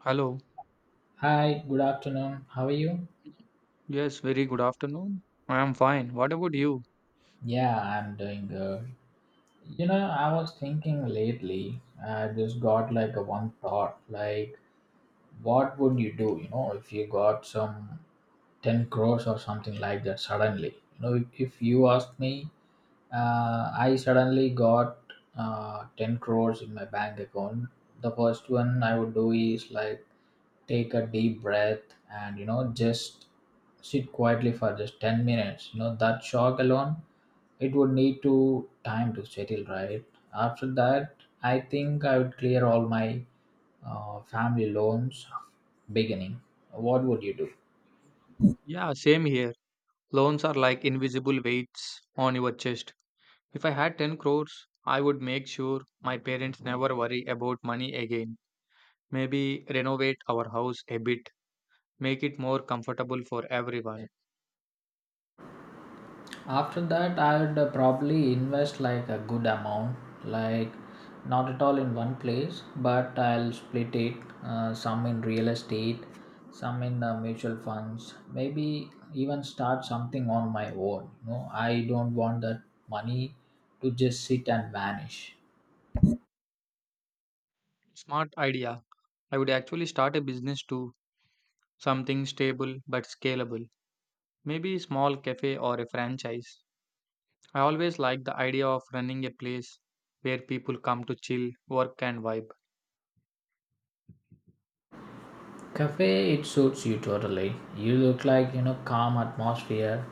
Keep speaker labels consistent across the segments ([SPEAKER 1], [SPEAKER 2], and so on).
[SPEAKER 1] Hello.
[SPEAKER 2] Hi, good afternoon. How are you?
[SPEAKER 1] Yes, very good afternoon. I am fine. What about you?
[SPEAKER 2] Yeah, I'm doing good. You know, I was thinking lately, I just got like a one thought like what would you do if you got some 10 crores or something like that suddenly you know if you ask me. I suddenly got 10 crores in my bank account. The first one I would do is like take a deep breath and you know just sit quietly for just 10 minutes. You know that shock alone, it would need to time to settle, right? After that, I think I would clear all my family loans beginning. What would you do?
[SPEAKER 1] Yeah, same here. Loans are like invisible weights on your chest. If I had 10 crores, I would make sure my parents never worry about money again. Maybe renovate our house a bit, make it more comfortable for everyone.
[SPEAKER 2] After that, I'd probably invest like a good amount, like not at all in one place, but I'll split it. Some in real estate, some in mutual funds, maybe even start something on my own. You know, I don't want that money to just sit and vanish.
[SPEAKER 1] Smart idea. I would actually start a business too, something stable but scalable. Maybe a small cafe or a franchise. I always like the idea of running a place where people come to chill, work, and vibe.
[SPEAKER 2] Cafe, it suits you totally. You look like, you know, calm atmosphere.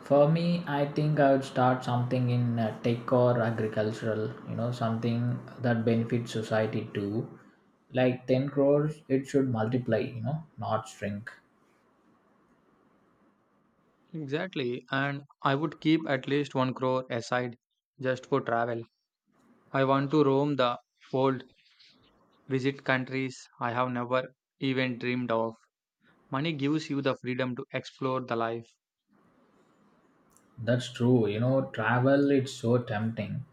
[SPEAKER 2] For me, I think I would start something in tech or agricultural, you know, something that benefits society too. Like 10 crores, it should multiply, you know, not shrink.
[SPEAKER 1] Exactly, and I would keep at least one crore aside just for travel. I want to roam the world, visit countries I have never even dreamed of. Money gives you the freedom to explore the life.
[SPEAKER 2] That's true. You know, travel it's so tempting.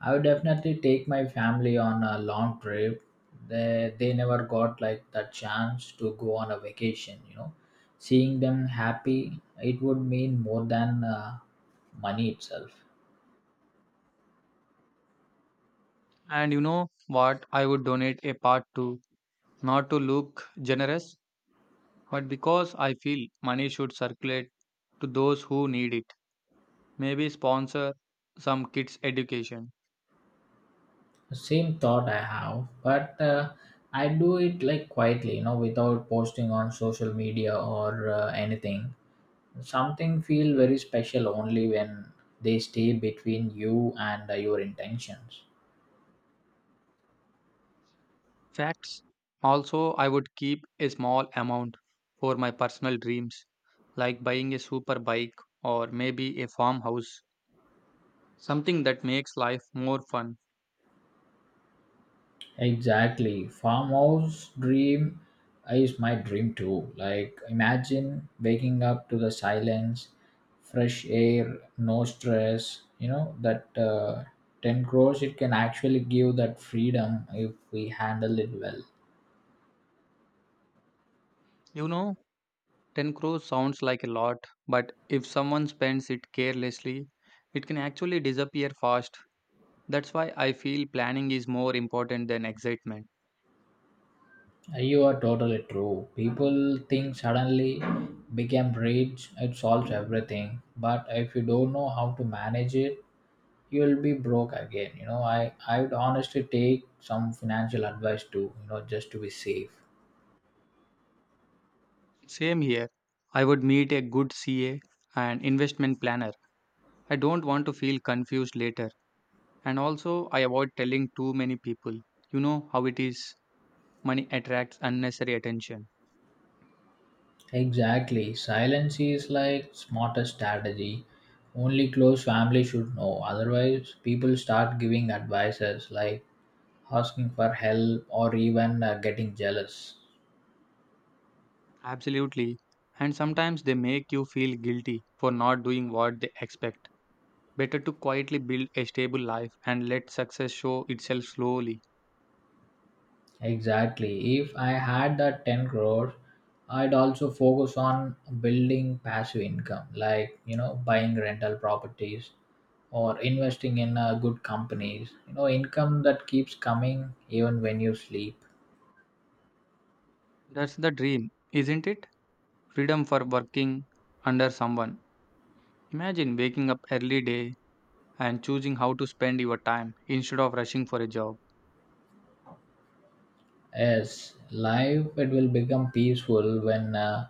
[SPEAKER 2] I would definitely take my family on a long trip. They never got like the chance to go on a vacation. You know, seeing them happy, it would mean more than money itself.
[SPEAKER 1] And you know what? I would donate a part to, not to look generous, but because I feel money should circulate to those who need it. Maybe sponsor some kids' education.
[SPEAKER 2] Same thought I have, but I do it like quietly. You know, without posting on social media or anything. Something feel very special only when they stay between you and your intentions.
[SPEAKER 1] Facts. Also, I would keep a small amount for my personal dreams, like buying a super bike or maybe a farmhouse, something that makes life more fun.
[SPEAKER 2] Exactly. Farmhouse dream is my dream too. Like imagine waking up to the silence, fresh air, no stress. You know that 10 crores, it can actually give that freedom if we handle it well.
[SPEAKER 1] You know, 10 crores sounds like a lot, but if someone spends it carelessly, it can actually disappear fast. That's why I feel planning is more important than excitement.
[SPEAKER 2] You are totally true. People think suddenly became rich, it solves everything. But if you don't know how to manage it, you'll be broke again. You know, I would honestly take some financial advice too, you know, just to be safe.
[SPEAKER 1] Same here. I would meet a good CA and investment planner. I don't want to feel confused later. And also, I avoid telling too many people. You know how it is. Money attracts unnecessary attention.
[SPEAKER 2] Exactly. Silence is like smartest strategy. Only close family should know. Otherwise, people start giving advices like asking for help or even getting jealous.
[SPEAKER 1] Absolutely. And sometimes they make you feel guilty for not doing what they expect. Better to quietly build a stable life and let success show itself slowly.
[SPEAKER 2] Exactly. If I had that 10 crore, I'd also focus on building passive income, like, you know, buying rental properties or investing in good companies. You know, income that keeps coming even when you sleep.
[SPEAKER 1] That's the dream, isn't it? Freedom for working under someone. Imagine waking up early day and choosing how to spend your time instead of rushing for a job.
[SPEAKER 2] Yes, life, it will become peaceful when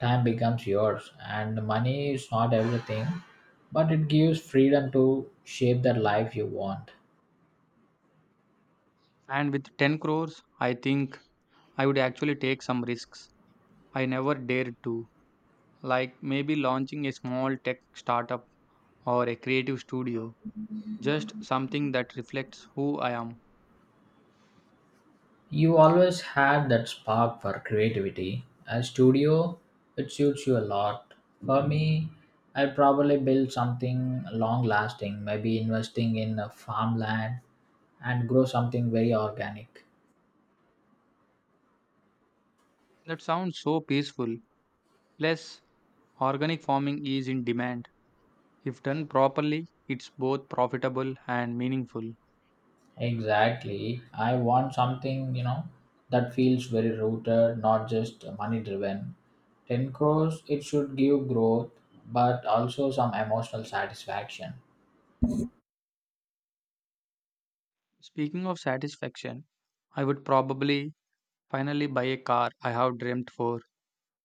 [SPEAKER 2] time becomes yours. And money is not everything, but it gives freedom to shape the life you want.
[SPEAKER 1] And with 10 crores, I think I would actually take some risks I never dared to, like maybe launching a small tech startup or a creative studio, just something that reflects who I am.
[SPEAKER 2] You always had that spark for creativity. A studio, it suits you a lot. For me, I'd probably build something long lasting, maybe investing in a farmland and grow something very organic.
[SPEAKER 1] That sounds so peaceful. Plus, organic farming is in demand. If done properly, it's both profitable and meaningful.
[SPEAKER 2] Exactly. I want something, you know, that feels very rooted, not just money driven. 10 crores, it should give growth, but also some emotional satisfaction.
[SPEAKER 1] Speaking of satisfaction, I would probably finally buy a car I have dreamt for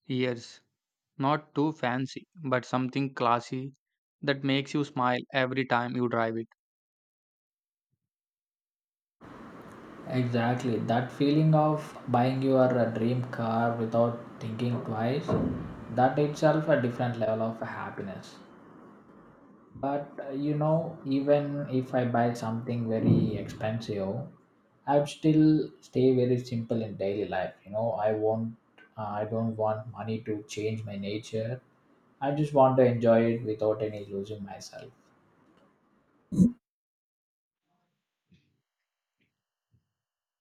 [SPEAKER 1] years. Not too fancy, but something classy that makes you smile every time you drive it.
[SPEAKER 2] Exactly. That feeling of buying your dream car without thinking twice, that itself a different level of happiness. But you know, even if I buy something very expensive, I would still stay very simple in daily life. You know, I won't, I don't want money to change my nature. I just want to enjoy it without any losing myself.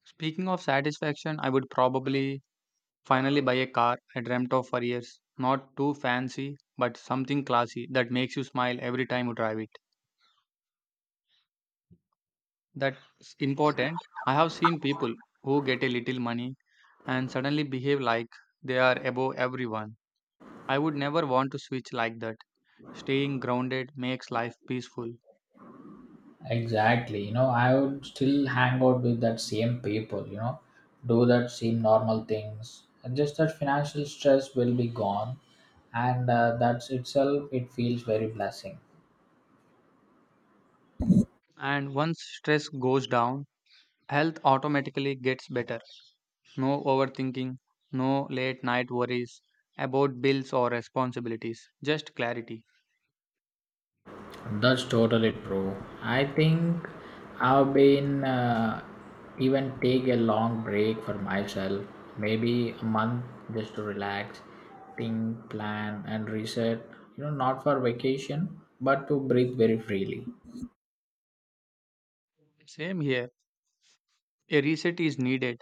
[SPEAKER 1] Speaking of satisfaction, I would probably finally buy a car I dreamt of for years. Not too fancy, but something classy that makes you smile every time you drive it. That's important. I have seen people who get a little money and suddenly behave like they are above everyone. I would never want to switch like that. Staying grounded makes life peaceful.
[SPEAKER 2] Exactly. You know, I would still hang out with that same people, you know, do that same normal things. And just that financial stress will be gone. And that's itself, it feels very blessing.
[SPEAKER 1] And once stress goes down, health automatically gets better. No overthinking, no late night worries about bills or responsibilities, just clarity.
[SPEAKER 2] That's totally true. I think I've been even take a long break for myself, maybe a month just to relax, think, plan, and reset. You know, not for vacation, but to breathe very freely.
[SPEAKER 1] Same here. A reset is needed.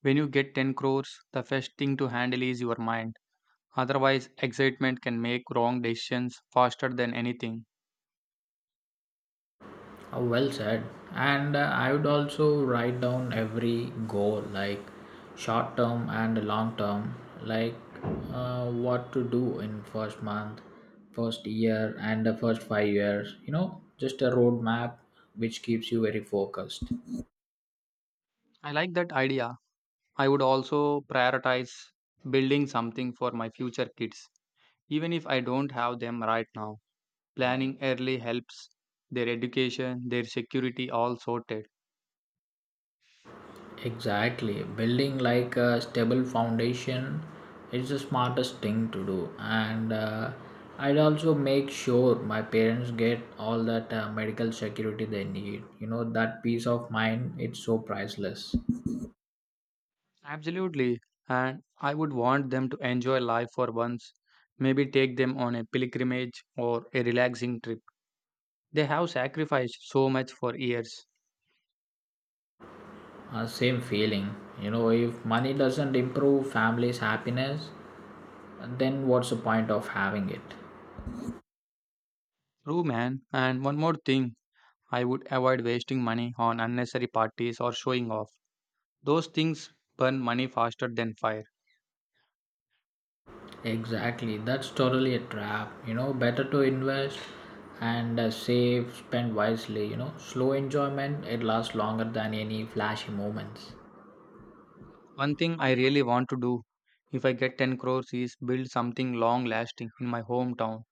[SPEAKER 1] When you get 10 crores, the first thing to handle is your mind. Otherwise, excitement can make wrong decisions faster than anything.
[SPEAKER 2] Oh, well said. And I would also write down every goal, like short term and long term, like what to do in first month, first year, and the first 5 years. You know, just a roadmap which keeps you very focused.
[SPEAKER 1] I like that idea. I would also prioritize building something for my future kids, even if I don't have them right now. Planning early helps their education, their security, all sorted.
[SPEAKER 2] Exactly. Building like a stable foundation is the smartest thing to do. And I'd also make sure my parents get all that medical security they need. You know, that peace of mind, it's so priceless.
[SPEAKER 1] Absolutely. And I would want them to enjoy life for once. Maybe take them on a pilgrimage or a relaxing trip. They have sacrificed so much for years.
[SPEAKER 2] Same feeling. You know, if money doesn't improve family's happiness, then what's the point of having it?
[SPEAKER 1] True, man. And one more thing I would avoid wasting money on unnecessary parties or showing off. Those things burn money faster than fire.
[SPEAKER 2] Exactly, that's totally a trap. You know, better to invest and save, spend wisely. You know, slow enjoyment it lasts longer than any flashy moments.
[SPEAKER 1] One thing I really want to do if I get 10 crores is build something long lasting in my hometown.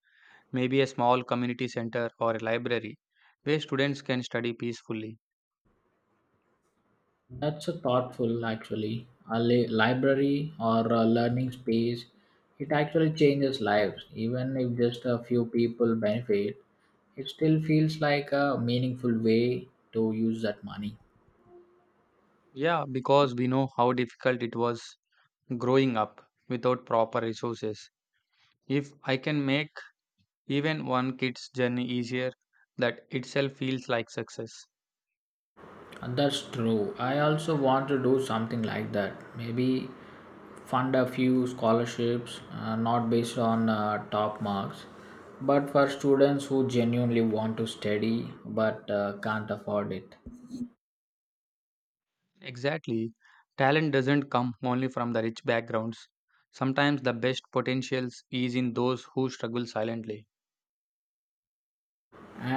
[SPEAKER 1] Maybe a small community center or a library where students can study peacefully.
[SPEAKER 2] That's a thoughtful actually. A library or a learning space, it actually changes lives. Even if just a few people benefit, it still feels like a meaningful way to use that money.
[SPEAKER 1] Yeah, because we know how difficult it was growing up without proper resources. If I can make even one kid's journey easier, that itself feels like success.
[SPEAKER 2] And that's true. I also want to do something like that. Maybe fund a few scholarships, not based on top marks, but for students who genuinely want to study but can't afford it.
[SPEAKER 1] Exactly. Talent doesn't come only from the rich backgrounds. Sometimes the best potentials is in those who struggle silently.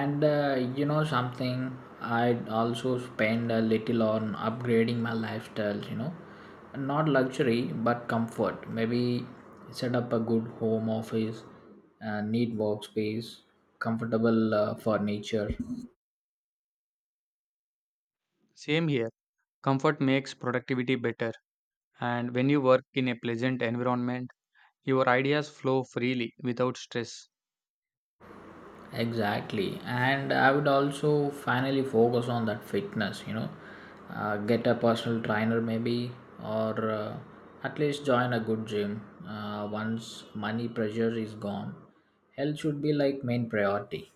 [SPEAKER 2] And you know, something I also spend a little on upgrading my lifestyle. You know, not luxury but comfort, maybe set up a good home office, a neat workspace, comfortable furniture.
[SPEAKER 1] Same here. Comfort makes productivity better, and when you work in a pleasant environment, your ideas flow freely without stress.
[SPEAKER 2] Exactly, and I would also finally focus on that fitness. You know, get a personal trainer maybe, or at least join a good gym. Once money pressure is gone, health should be like main priority.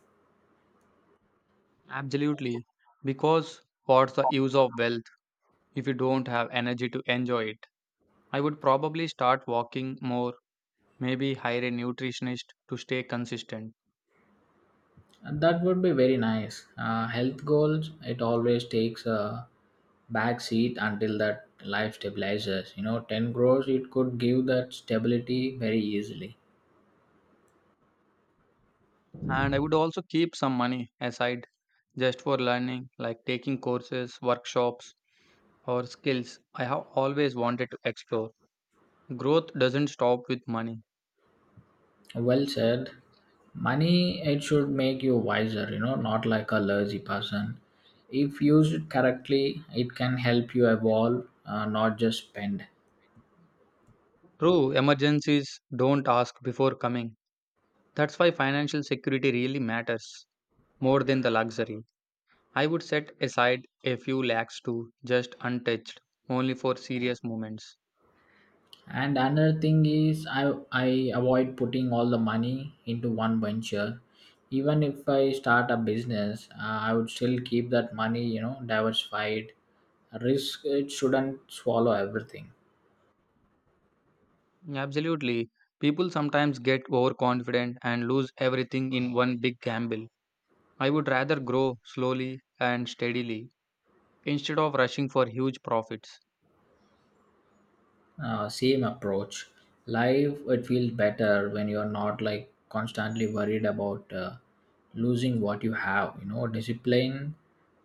[SPEAKER 1] Absolutely, because what's the use of wealth if you don't have energy to enjoy it? I would probably start walking more, maybe hire a nutritionist to stay consistent.
[SPEAKER 2] And that would be very nice. Health goals, it always takes a back seat until that life stabilizes. You know, ten crores, it could give that stability very easily.
[SPEAKER 1] And I would also keep some money aside just for learning, like taking courses, workshops, or skills I have always wanted to explore. Growth doesn't stop with money.
[SPEAKER 2] Well said. Money, it should make you wiser, you know, not like a lazy person. If used correctly, it can help you evolve, not just spend.
[SPEAKER 1] True, emergencies don't ask before coming. That's why financial security really matters more than the luxury. I would set aside a few lakhs too, just untouched, only for serious moments.
[SPEAKER 2] And another thing is, I avoid putting all the money into one venture. Even if I start a business, I would still keep that money, you know, diversified. Risk, it shouldn't swallow everything.
[SPEAKER 1] Absolutely. People sometimes get overconfident and lose everything in one big gamble. I would rather grow slowly and steadily instead of rushing for huge profits.
[SPEAKER 2] Same approach. Life, it feels better when you're not like constantly worried about losing what you have. You know, discipline,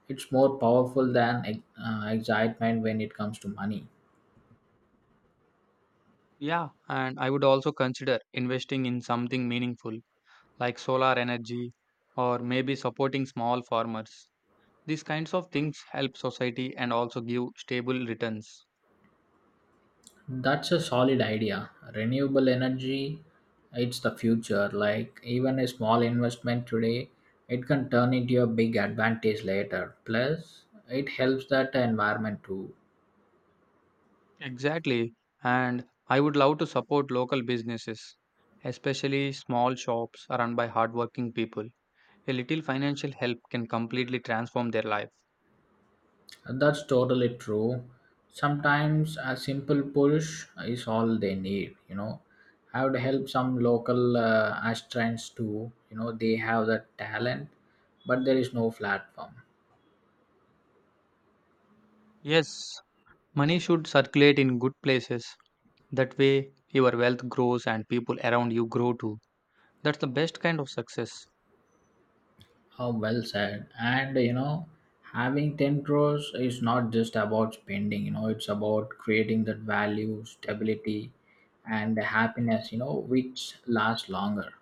[SPEAKER 2] it's more powerful than excitement when it comes to money.
[SPEAKER 1] Yeah, and I would also consider investing in something meaningful like solar energy or maybe supporting small farmers. These kinds of things help society and also give stable returns.
[SPEAKER 2] That's a solid idea. Renewable energy, it's the future. Like even a small investment today, it can turn into a big advantage later. Plus it helps that environment too.
[SPEAKER 1] Exactly. And I would love to support local businesses, especially small shops run by hardworking people. A little financial help can completely transform their life.
[SPEAKER 2] And that's totally true. Sometimes a simple push is all they need, you know. I would help some local aspirants too, you know, they have the talent, but there is no platform.
[SPEAKER 1] Yes, money should circulate in good places. That way, your wealth grows and people around you grow too. That's the best kind of success.
[SPEAKER 2] How well said. And, you know, having 10 crores is not just about spending, you know, it's about creating that value, stability, and happiness, you know, which lasts longer.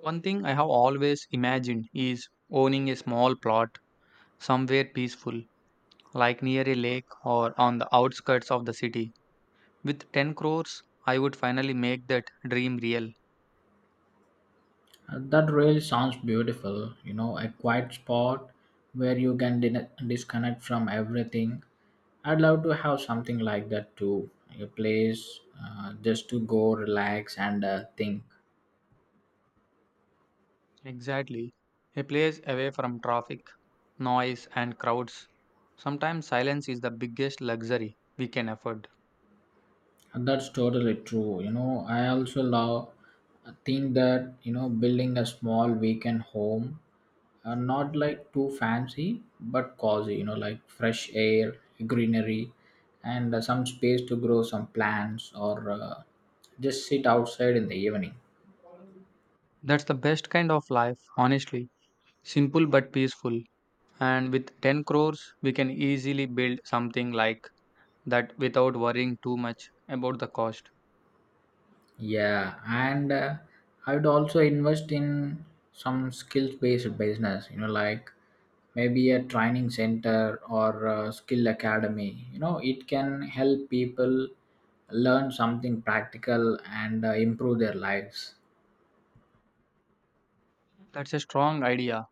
[SPEAKER 1] One thing I have always imagined is owning a small plot somewhere peaceful, like near a lake or on the outskirts of the city. With 10 crores, I would finally make that dream real.
[SPEAKER 2] That really sounds beautiful. You know, a quiet spot where you can disconnect from everything. I'd love to have something like that too. A place just to go, relax, and think.
[SPEAKER 1] Exactly. A place away from traffic, noise, and crowds. Sometimes silence is the biggest luxury we can afford.
[SPEAKER 2] That's totally true. You know, I also love think that you know building a small weekend home, not like too fancy but cozy. You know, like fresh air, greenery, and some space to grow some plants or just sit outside in the evening.
[SPEAKER 1] That's the best kind of life, honestly. Simple but peaceful. And with 10 crores, we can easily build something like that without worrying too much about the cost.
[SPEAKER 2] Yeah, and I would also invest in some skills-based business, you know, like maybe a training center or a skill academy. You know, it can help people learn something practical and improve their lives.
[SPEAKER 1] That's a strong idea.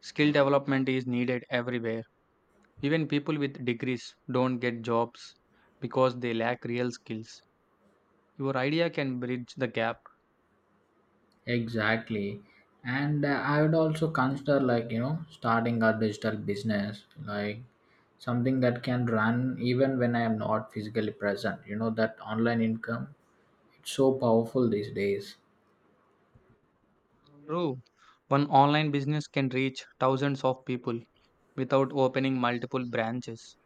[SPEAKER 1] Skill development is needed everywhere. Even people with degrees don't get jobs because they lack real skills. Your idea can bridge the gap.
[SPEAKER 2] Exactly. And I would also consider like, you know, starting a digital business, like something that can run even when I am not physically present. You know, that online income, it's so powerful these days.
[SPEAKER 1] True. One online business can reach thousands of people without opening multiple branches.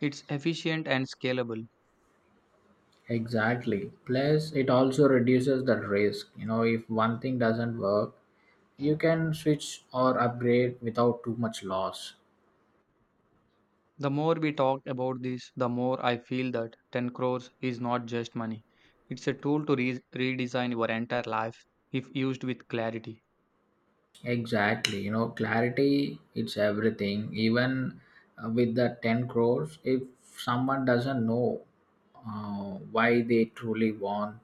[SPEAKER 1] It's efficient and scalable.
[SPEAKER 2] Exactly. Plus, it also reduces the risk. You know, if one thing doesn't work, you can switch or upgrade without too much loss.
[SPEAKER 1] The more we talk about this, the more I feel that 10 crores is not just money. It's a tool to redesign your entire life if used with clarity.
[SPEAKER 2] Exactly. You know, clarity it's everything. Even with the 10 crores, if someone doesn't know why they truly want,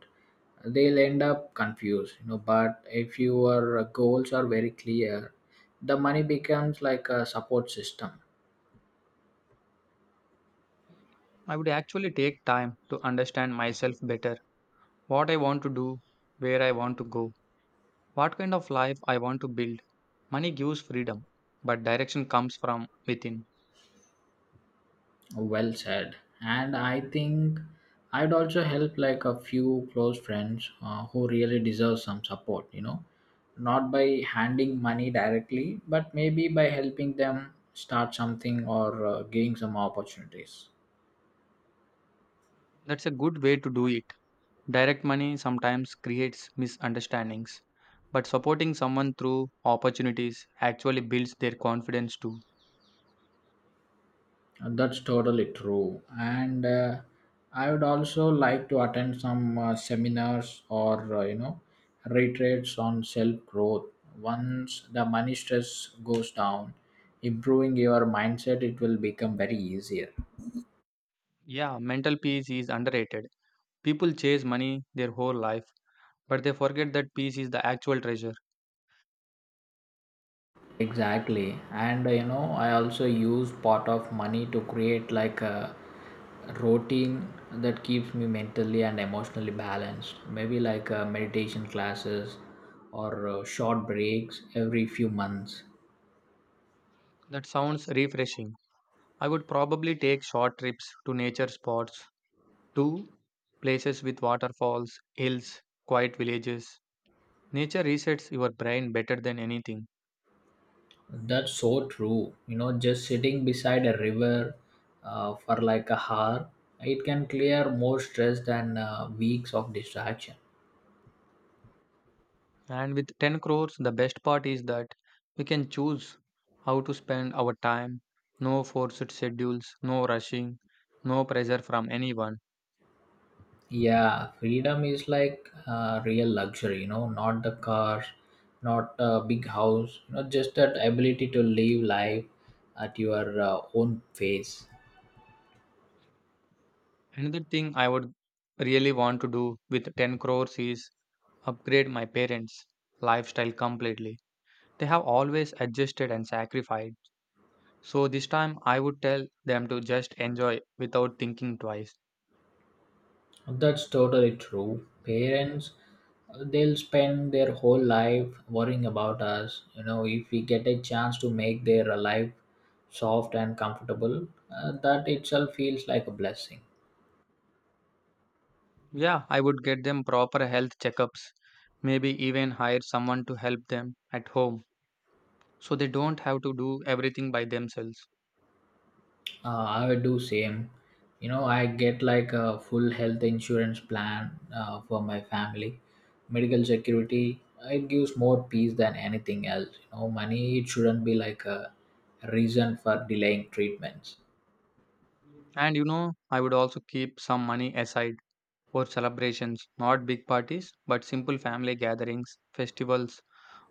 [SPEAKER 2] they'll end up confused, you know. But if your goals are very clear, the money becomes like a support system.
[SPEAKER 1] I would actually take time to understand myself better what I want to do, where I want to go, what kind of life I want to build. Money gives freedom, but direction comes from within.
[SPEAKER 2] Well said. And I think I'd also help like a few close friends who really deserve some support, you know, not by handing money directly, but maybe by helping them start something or gaining some opportunities.
[SPEAKER 1] That's a good way to do it. Direct money sometimes creates misunderstandings, but supporting someone through opportunities actually builds their confidence too.
[SPEAKER 2] That's totally true. And I would also like to attend some seminars or, you know, retreats on self growth. Once the money stress goes down, improving your mindset, it will become very easier.
[SPEAKER 1] Yeah, mental peace is underrated. People chase money their whole life, but they forget that peace is the actual treasure.
[SPEAKER 2] Exactly. And you know, I also use part of money to create like a routine that keeps me mentally and emotionally balanced. Maybe like meditation classes or short breaks every few months.
[SPEAKER 1] That sounds refreshing. I would probably take short trips to nature spots 2. Places with waterfalls, hills, quiet villages. Nature resets your brain better than anything.
[SPEAKER 2] That's so true. You know, just sitting beside a river for like a hour, it can clear more stress than weeks of distraction.
[SPEAKER 1] And with 10 crores, the best part is that we can choose how to spend our time. No forced schedules, no rushing, no pressure from anyone.
[SPEAKER 2] Yeah, freedom is like real luxury, you know, not the car, not a big house, you know, just that ability to live life at your own pace.
[SPEAKER 1] Another thing I would really want to do with 10 crores is upgrade my parents' lifestyle completely. They have always adjusted and sacrificed. So this time I would tell them to just enjoy without thinking twice.
[SPEAKER 2] That's totally true. Parents, they'll spend their whole life worrying about us. You know, if we get a chance to make their life soft and comfortable, that itself feels like a blessing.
[SPEAKER 1] Yeah, I would get them proper health checkups, maybe even hire someone to help them at home so they don't have to do everything by themselves.
[SPEAKER 2] I would do same. You know, I get like a full health insurance plan for my family, medical security. It gives more peace than anything else. You know, money it shouldn't be like a reason for delaying treatments.
[SPEAKER 1] And you know, I would also keep some money aside for celebrations, not big parties, but simple family gatherings, festivals,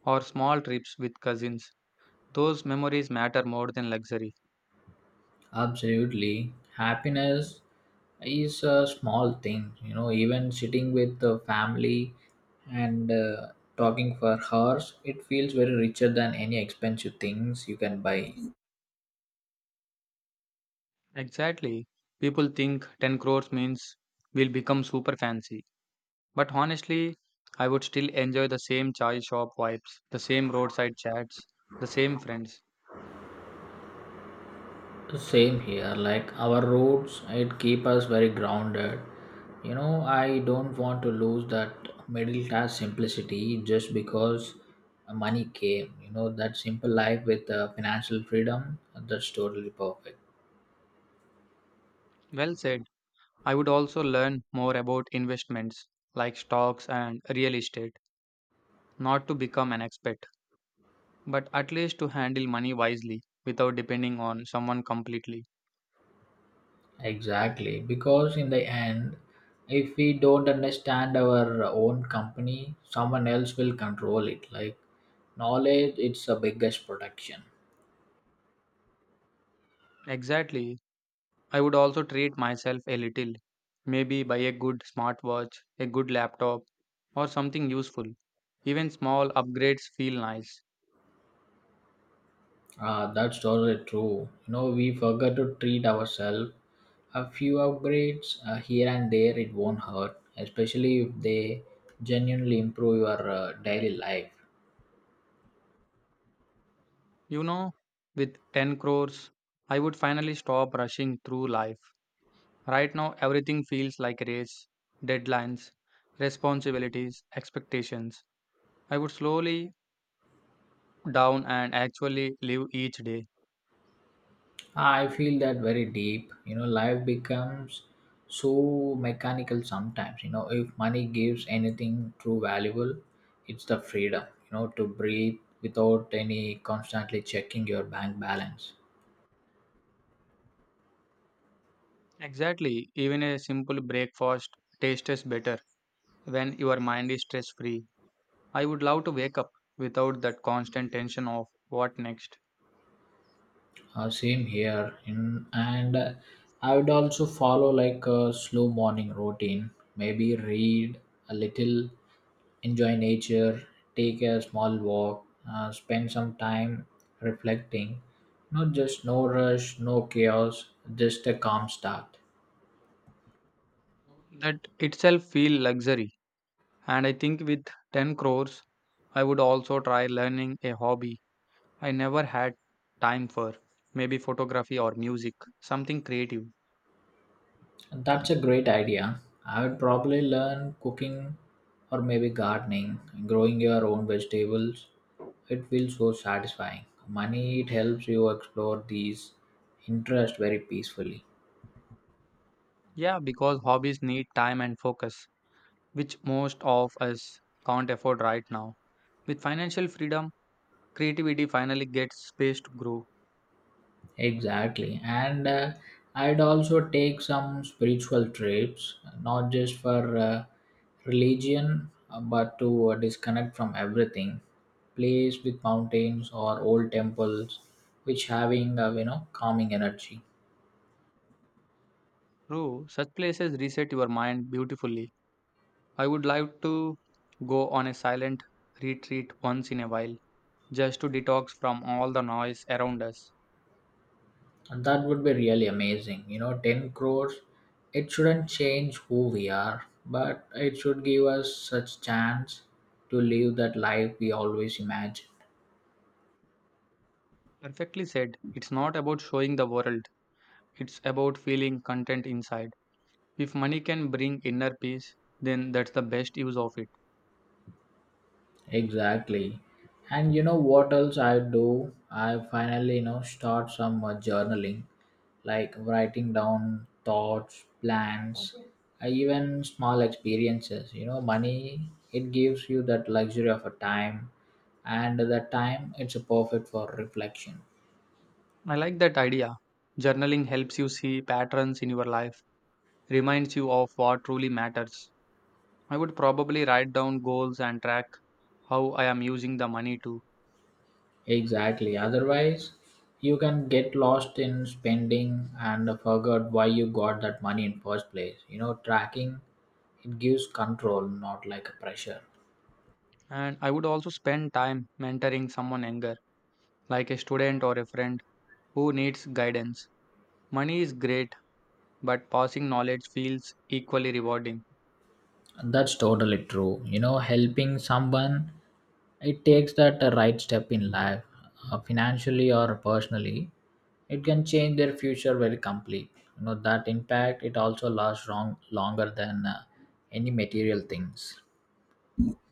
[SPEAKER 1] or small trips with cousins. Those memories matter more than luxury.
[SPEAKER 2] Absolutely, happiness is a small thing. You know, even sitting with the family and talking for hours, it feels very richer than any expensive things you can buy.
[SPEAKER 1] Exactly. People think 10 crores means we'll become super fancy. But honestly, I would still enjoy the same chai shop vibes, the same roadside chats, the same friends.
[SPEAKER 2] Same here, like our roots, it keep us very grounded. You know, I don't want to lose that middle class simplicity just because money came. You know, that simple life with financial freedom, that's totally perfect.
[SPEAKER 1] Well said. I would also learn more about investments like stocks and real estate, not to become an expert, but at least to handle money wisely without depending on someone completely.
[SPEAKER 2] Exactly, because in the end, if we don't understand our own company, someone else will control it. Like knowledge, it's the biggest protection.
[SPEAKER 1] Exactly. I would also treat myself a little, maybe buy a good smartwatch, a good laptop, or something useful. Even small upgrades feel nice.
[SPEAKER 2] That's totally true. You know, we forget to treat ourselves. A few upgrades here and there, it won't hurt, especially if they genuinely improve your daily life.
[SPEAKER 1] You know, with 10 crores, I would finally stop rushing through life. Right now, everything feels like a race, deadlines, responsibilities, expectations. I would slowly down and actually live each day.
[SPEAKER 2] I feel that very deep. You know, life becomes so mechanical sometimes. You know, if money gives anything true valuable, it's the freedom, you know, to breathe without any constantly checking your bank balance.
[SPEAKER 1] Exactly, even a simple breakfast tastes better when your mind is stress free. I would love to wake up without that constant tension of what next.
[SPEAKER 2] Same here, in, and I would also follow like a slow morning routine. Maybe read a little, enjoy nature, take a small walk, spend some time reflecting. Not just no rush, no chaos, just a calm start.
[SPEAKER 1] That itself feel luxury. And I think with 10 crores, I would also try learning a hobby I never had time for, maybe photography or music, something creative.
[SPEAKER 2] That's a great idea. I would probably learn cooking or maybe gardening, growing your own vegetables. It feels so satisfying. Money, it helps you explore these interests very peacefully.
[SPEAKER 1] Yeah, because hobbies need time and focus, which most of us can't afford right now. With financial freedom, creativity finally gets space to grow.
[SPEAKER 2] Exactly. And I'd also take some spiritual trips, not just for religion, but to disconnect from everything. Place with mountains or old temples, which having, you know, calming energy.
[SPEAKER 1] True, such places reset your mind beautifully. I would like to go on a silent retreat once in a while, just to detox from all the noise around us.
[SPEAKER 2] And that would be really amazing. You know, 10 crores, it shouldn't change who we are, but it should give us such chance to live that life we always imagine.
[SPEAKER 1] Perfectly said. It's not about showing the world, it's about feeling content inside. If money can bring inner peace, then that's the best use of it.
[SPEAKER 2] Exactly. And you know what else I do? I finally, you know, start some journaling, like writing down thoughts, plans, even small experiences. You know, money, it gives you that luxury of a time, and that time, it's a perfect for reflection.
[SPEAKER 1] I like that idea. Journaling helps you see patterns in your life, reminds you of what truly matters. I would probably write down goals and track how I am using the money too.
[SPEAKER 2] Exactly. Otherwise, you can get lost in spending and forget why you got that money in first place. You know, tracking it gives control, not like a pressure.
[SPEAKER 1] And I would also spend time mentoring someone younger, like a student or a friend who needs guidance. Money is great, but passing knowledge feels equally rewarding.
[SPEAKER 2] That's totally true. You know, helping someone it takes that right step in life, financially or personally. It can change their future very complete. You know that impact it also lasts longer than any material things.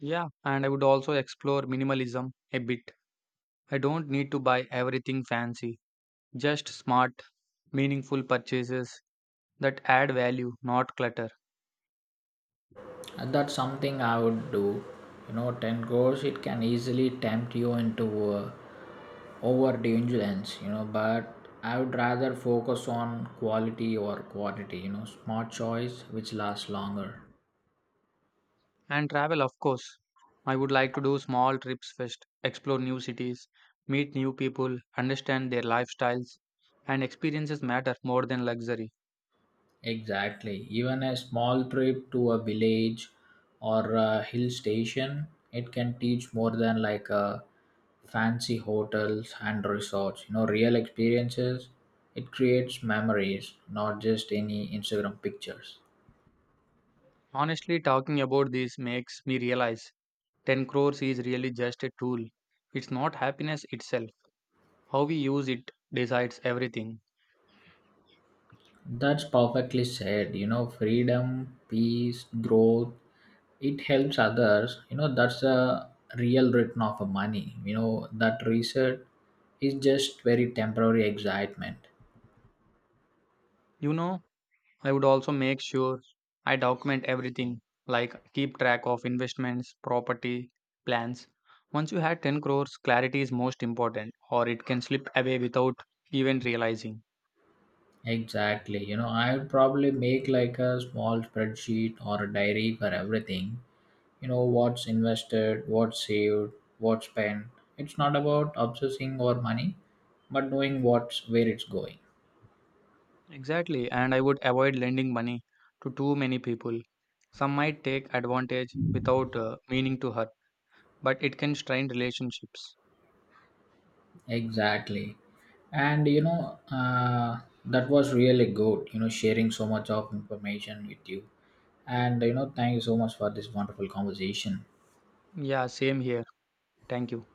[SPEAKER 1] Yeah, and I would also explore minimalism a bit. I don't need to buy everything fancy, just smart, meaningful purchases that add value, not clutter.
[SPEAKER 2] That's something I would do. You know, 10 goals, it can easily tempt you into overindulgence, you know, but I would rather focus on quality or quantity, you know, smart choice which lasts longer.
[SPEAKER 1] And travel, of course. I would like to do small trips first, explore new cities, meet new people, understand their lifestyles, and experiences matter more than luxury.
[SPEAKER 2] Exactly. Even a small trip to a village or a hill station, it can teach more than like a fancy hotels and resorts. You know, real experiences, it creates memories, not just any Instagram pictures.
[SPEAKER 1] Honestly, talking about this makes me realize 10 crores is really just a tool. It's not happiness itself. How we use it decides everything.
[SPEAKER 2] That's perfectly said. You know, freedom, peace, growth, it helps others. You know, that's a real return of a money. You know, that reset is just very temporary excitement.
[SPEAKER 1] You know, I would also make sure I document everything, like keep track of investments, property, plans. Once you had 10 crores, clarity is most important, or it can slip away without even realizing.
[SPEAKER 2] Exactly. You know, I would probably make like a small spreadsheet or a diary for everything. You know, what's invested, what's saved, what's spent. It's not about obsessing over money, but knowing what's where it's going.
[SPEAKER 1] Exactly, and I would avoid lending money to too many people. Some might take advantage without meaning to hurt, but it can strain relationships.
[SPEAKER 2] Exactly. And you know, that was really good, you know, sharing so much of information with you. And you know, thank you so much for this wonderful conversation.
[SPEAKER 1] Yeah, same here. Thank you.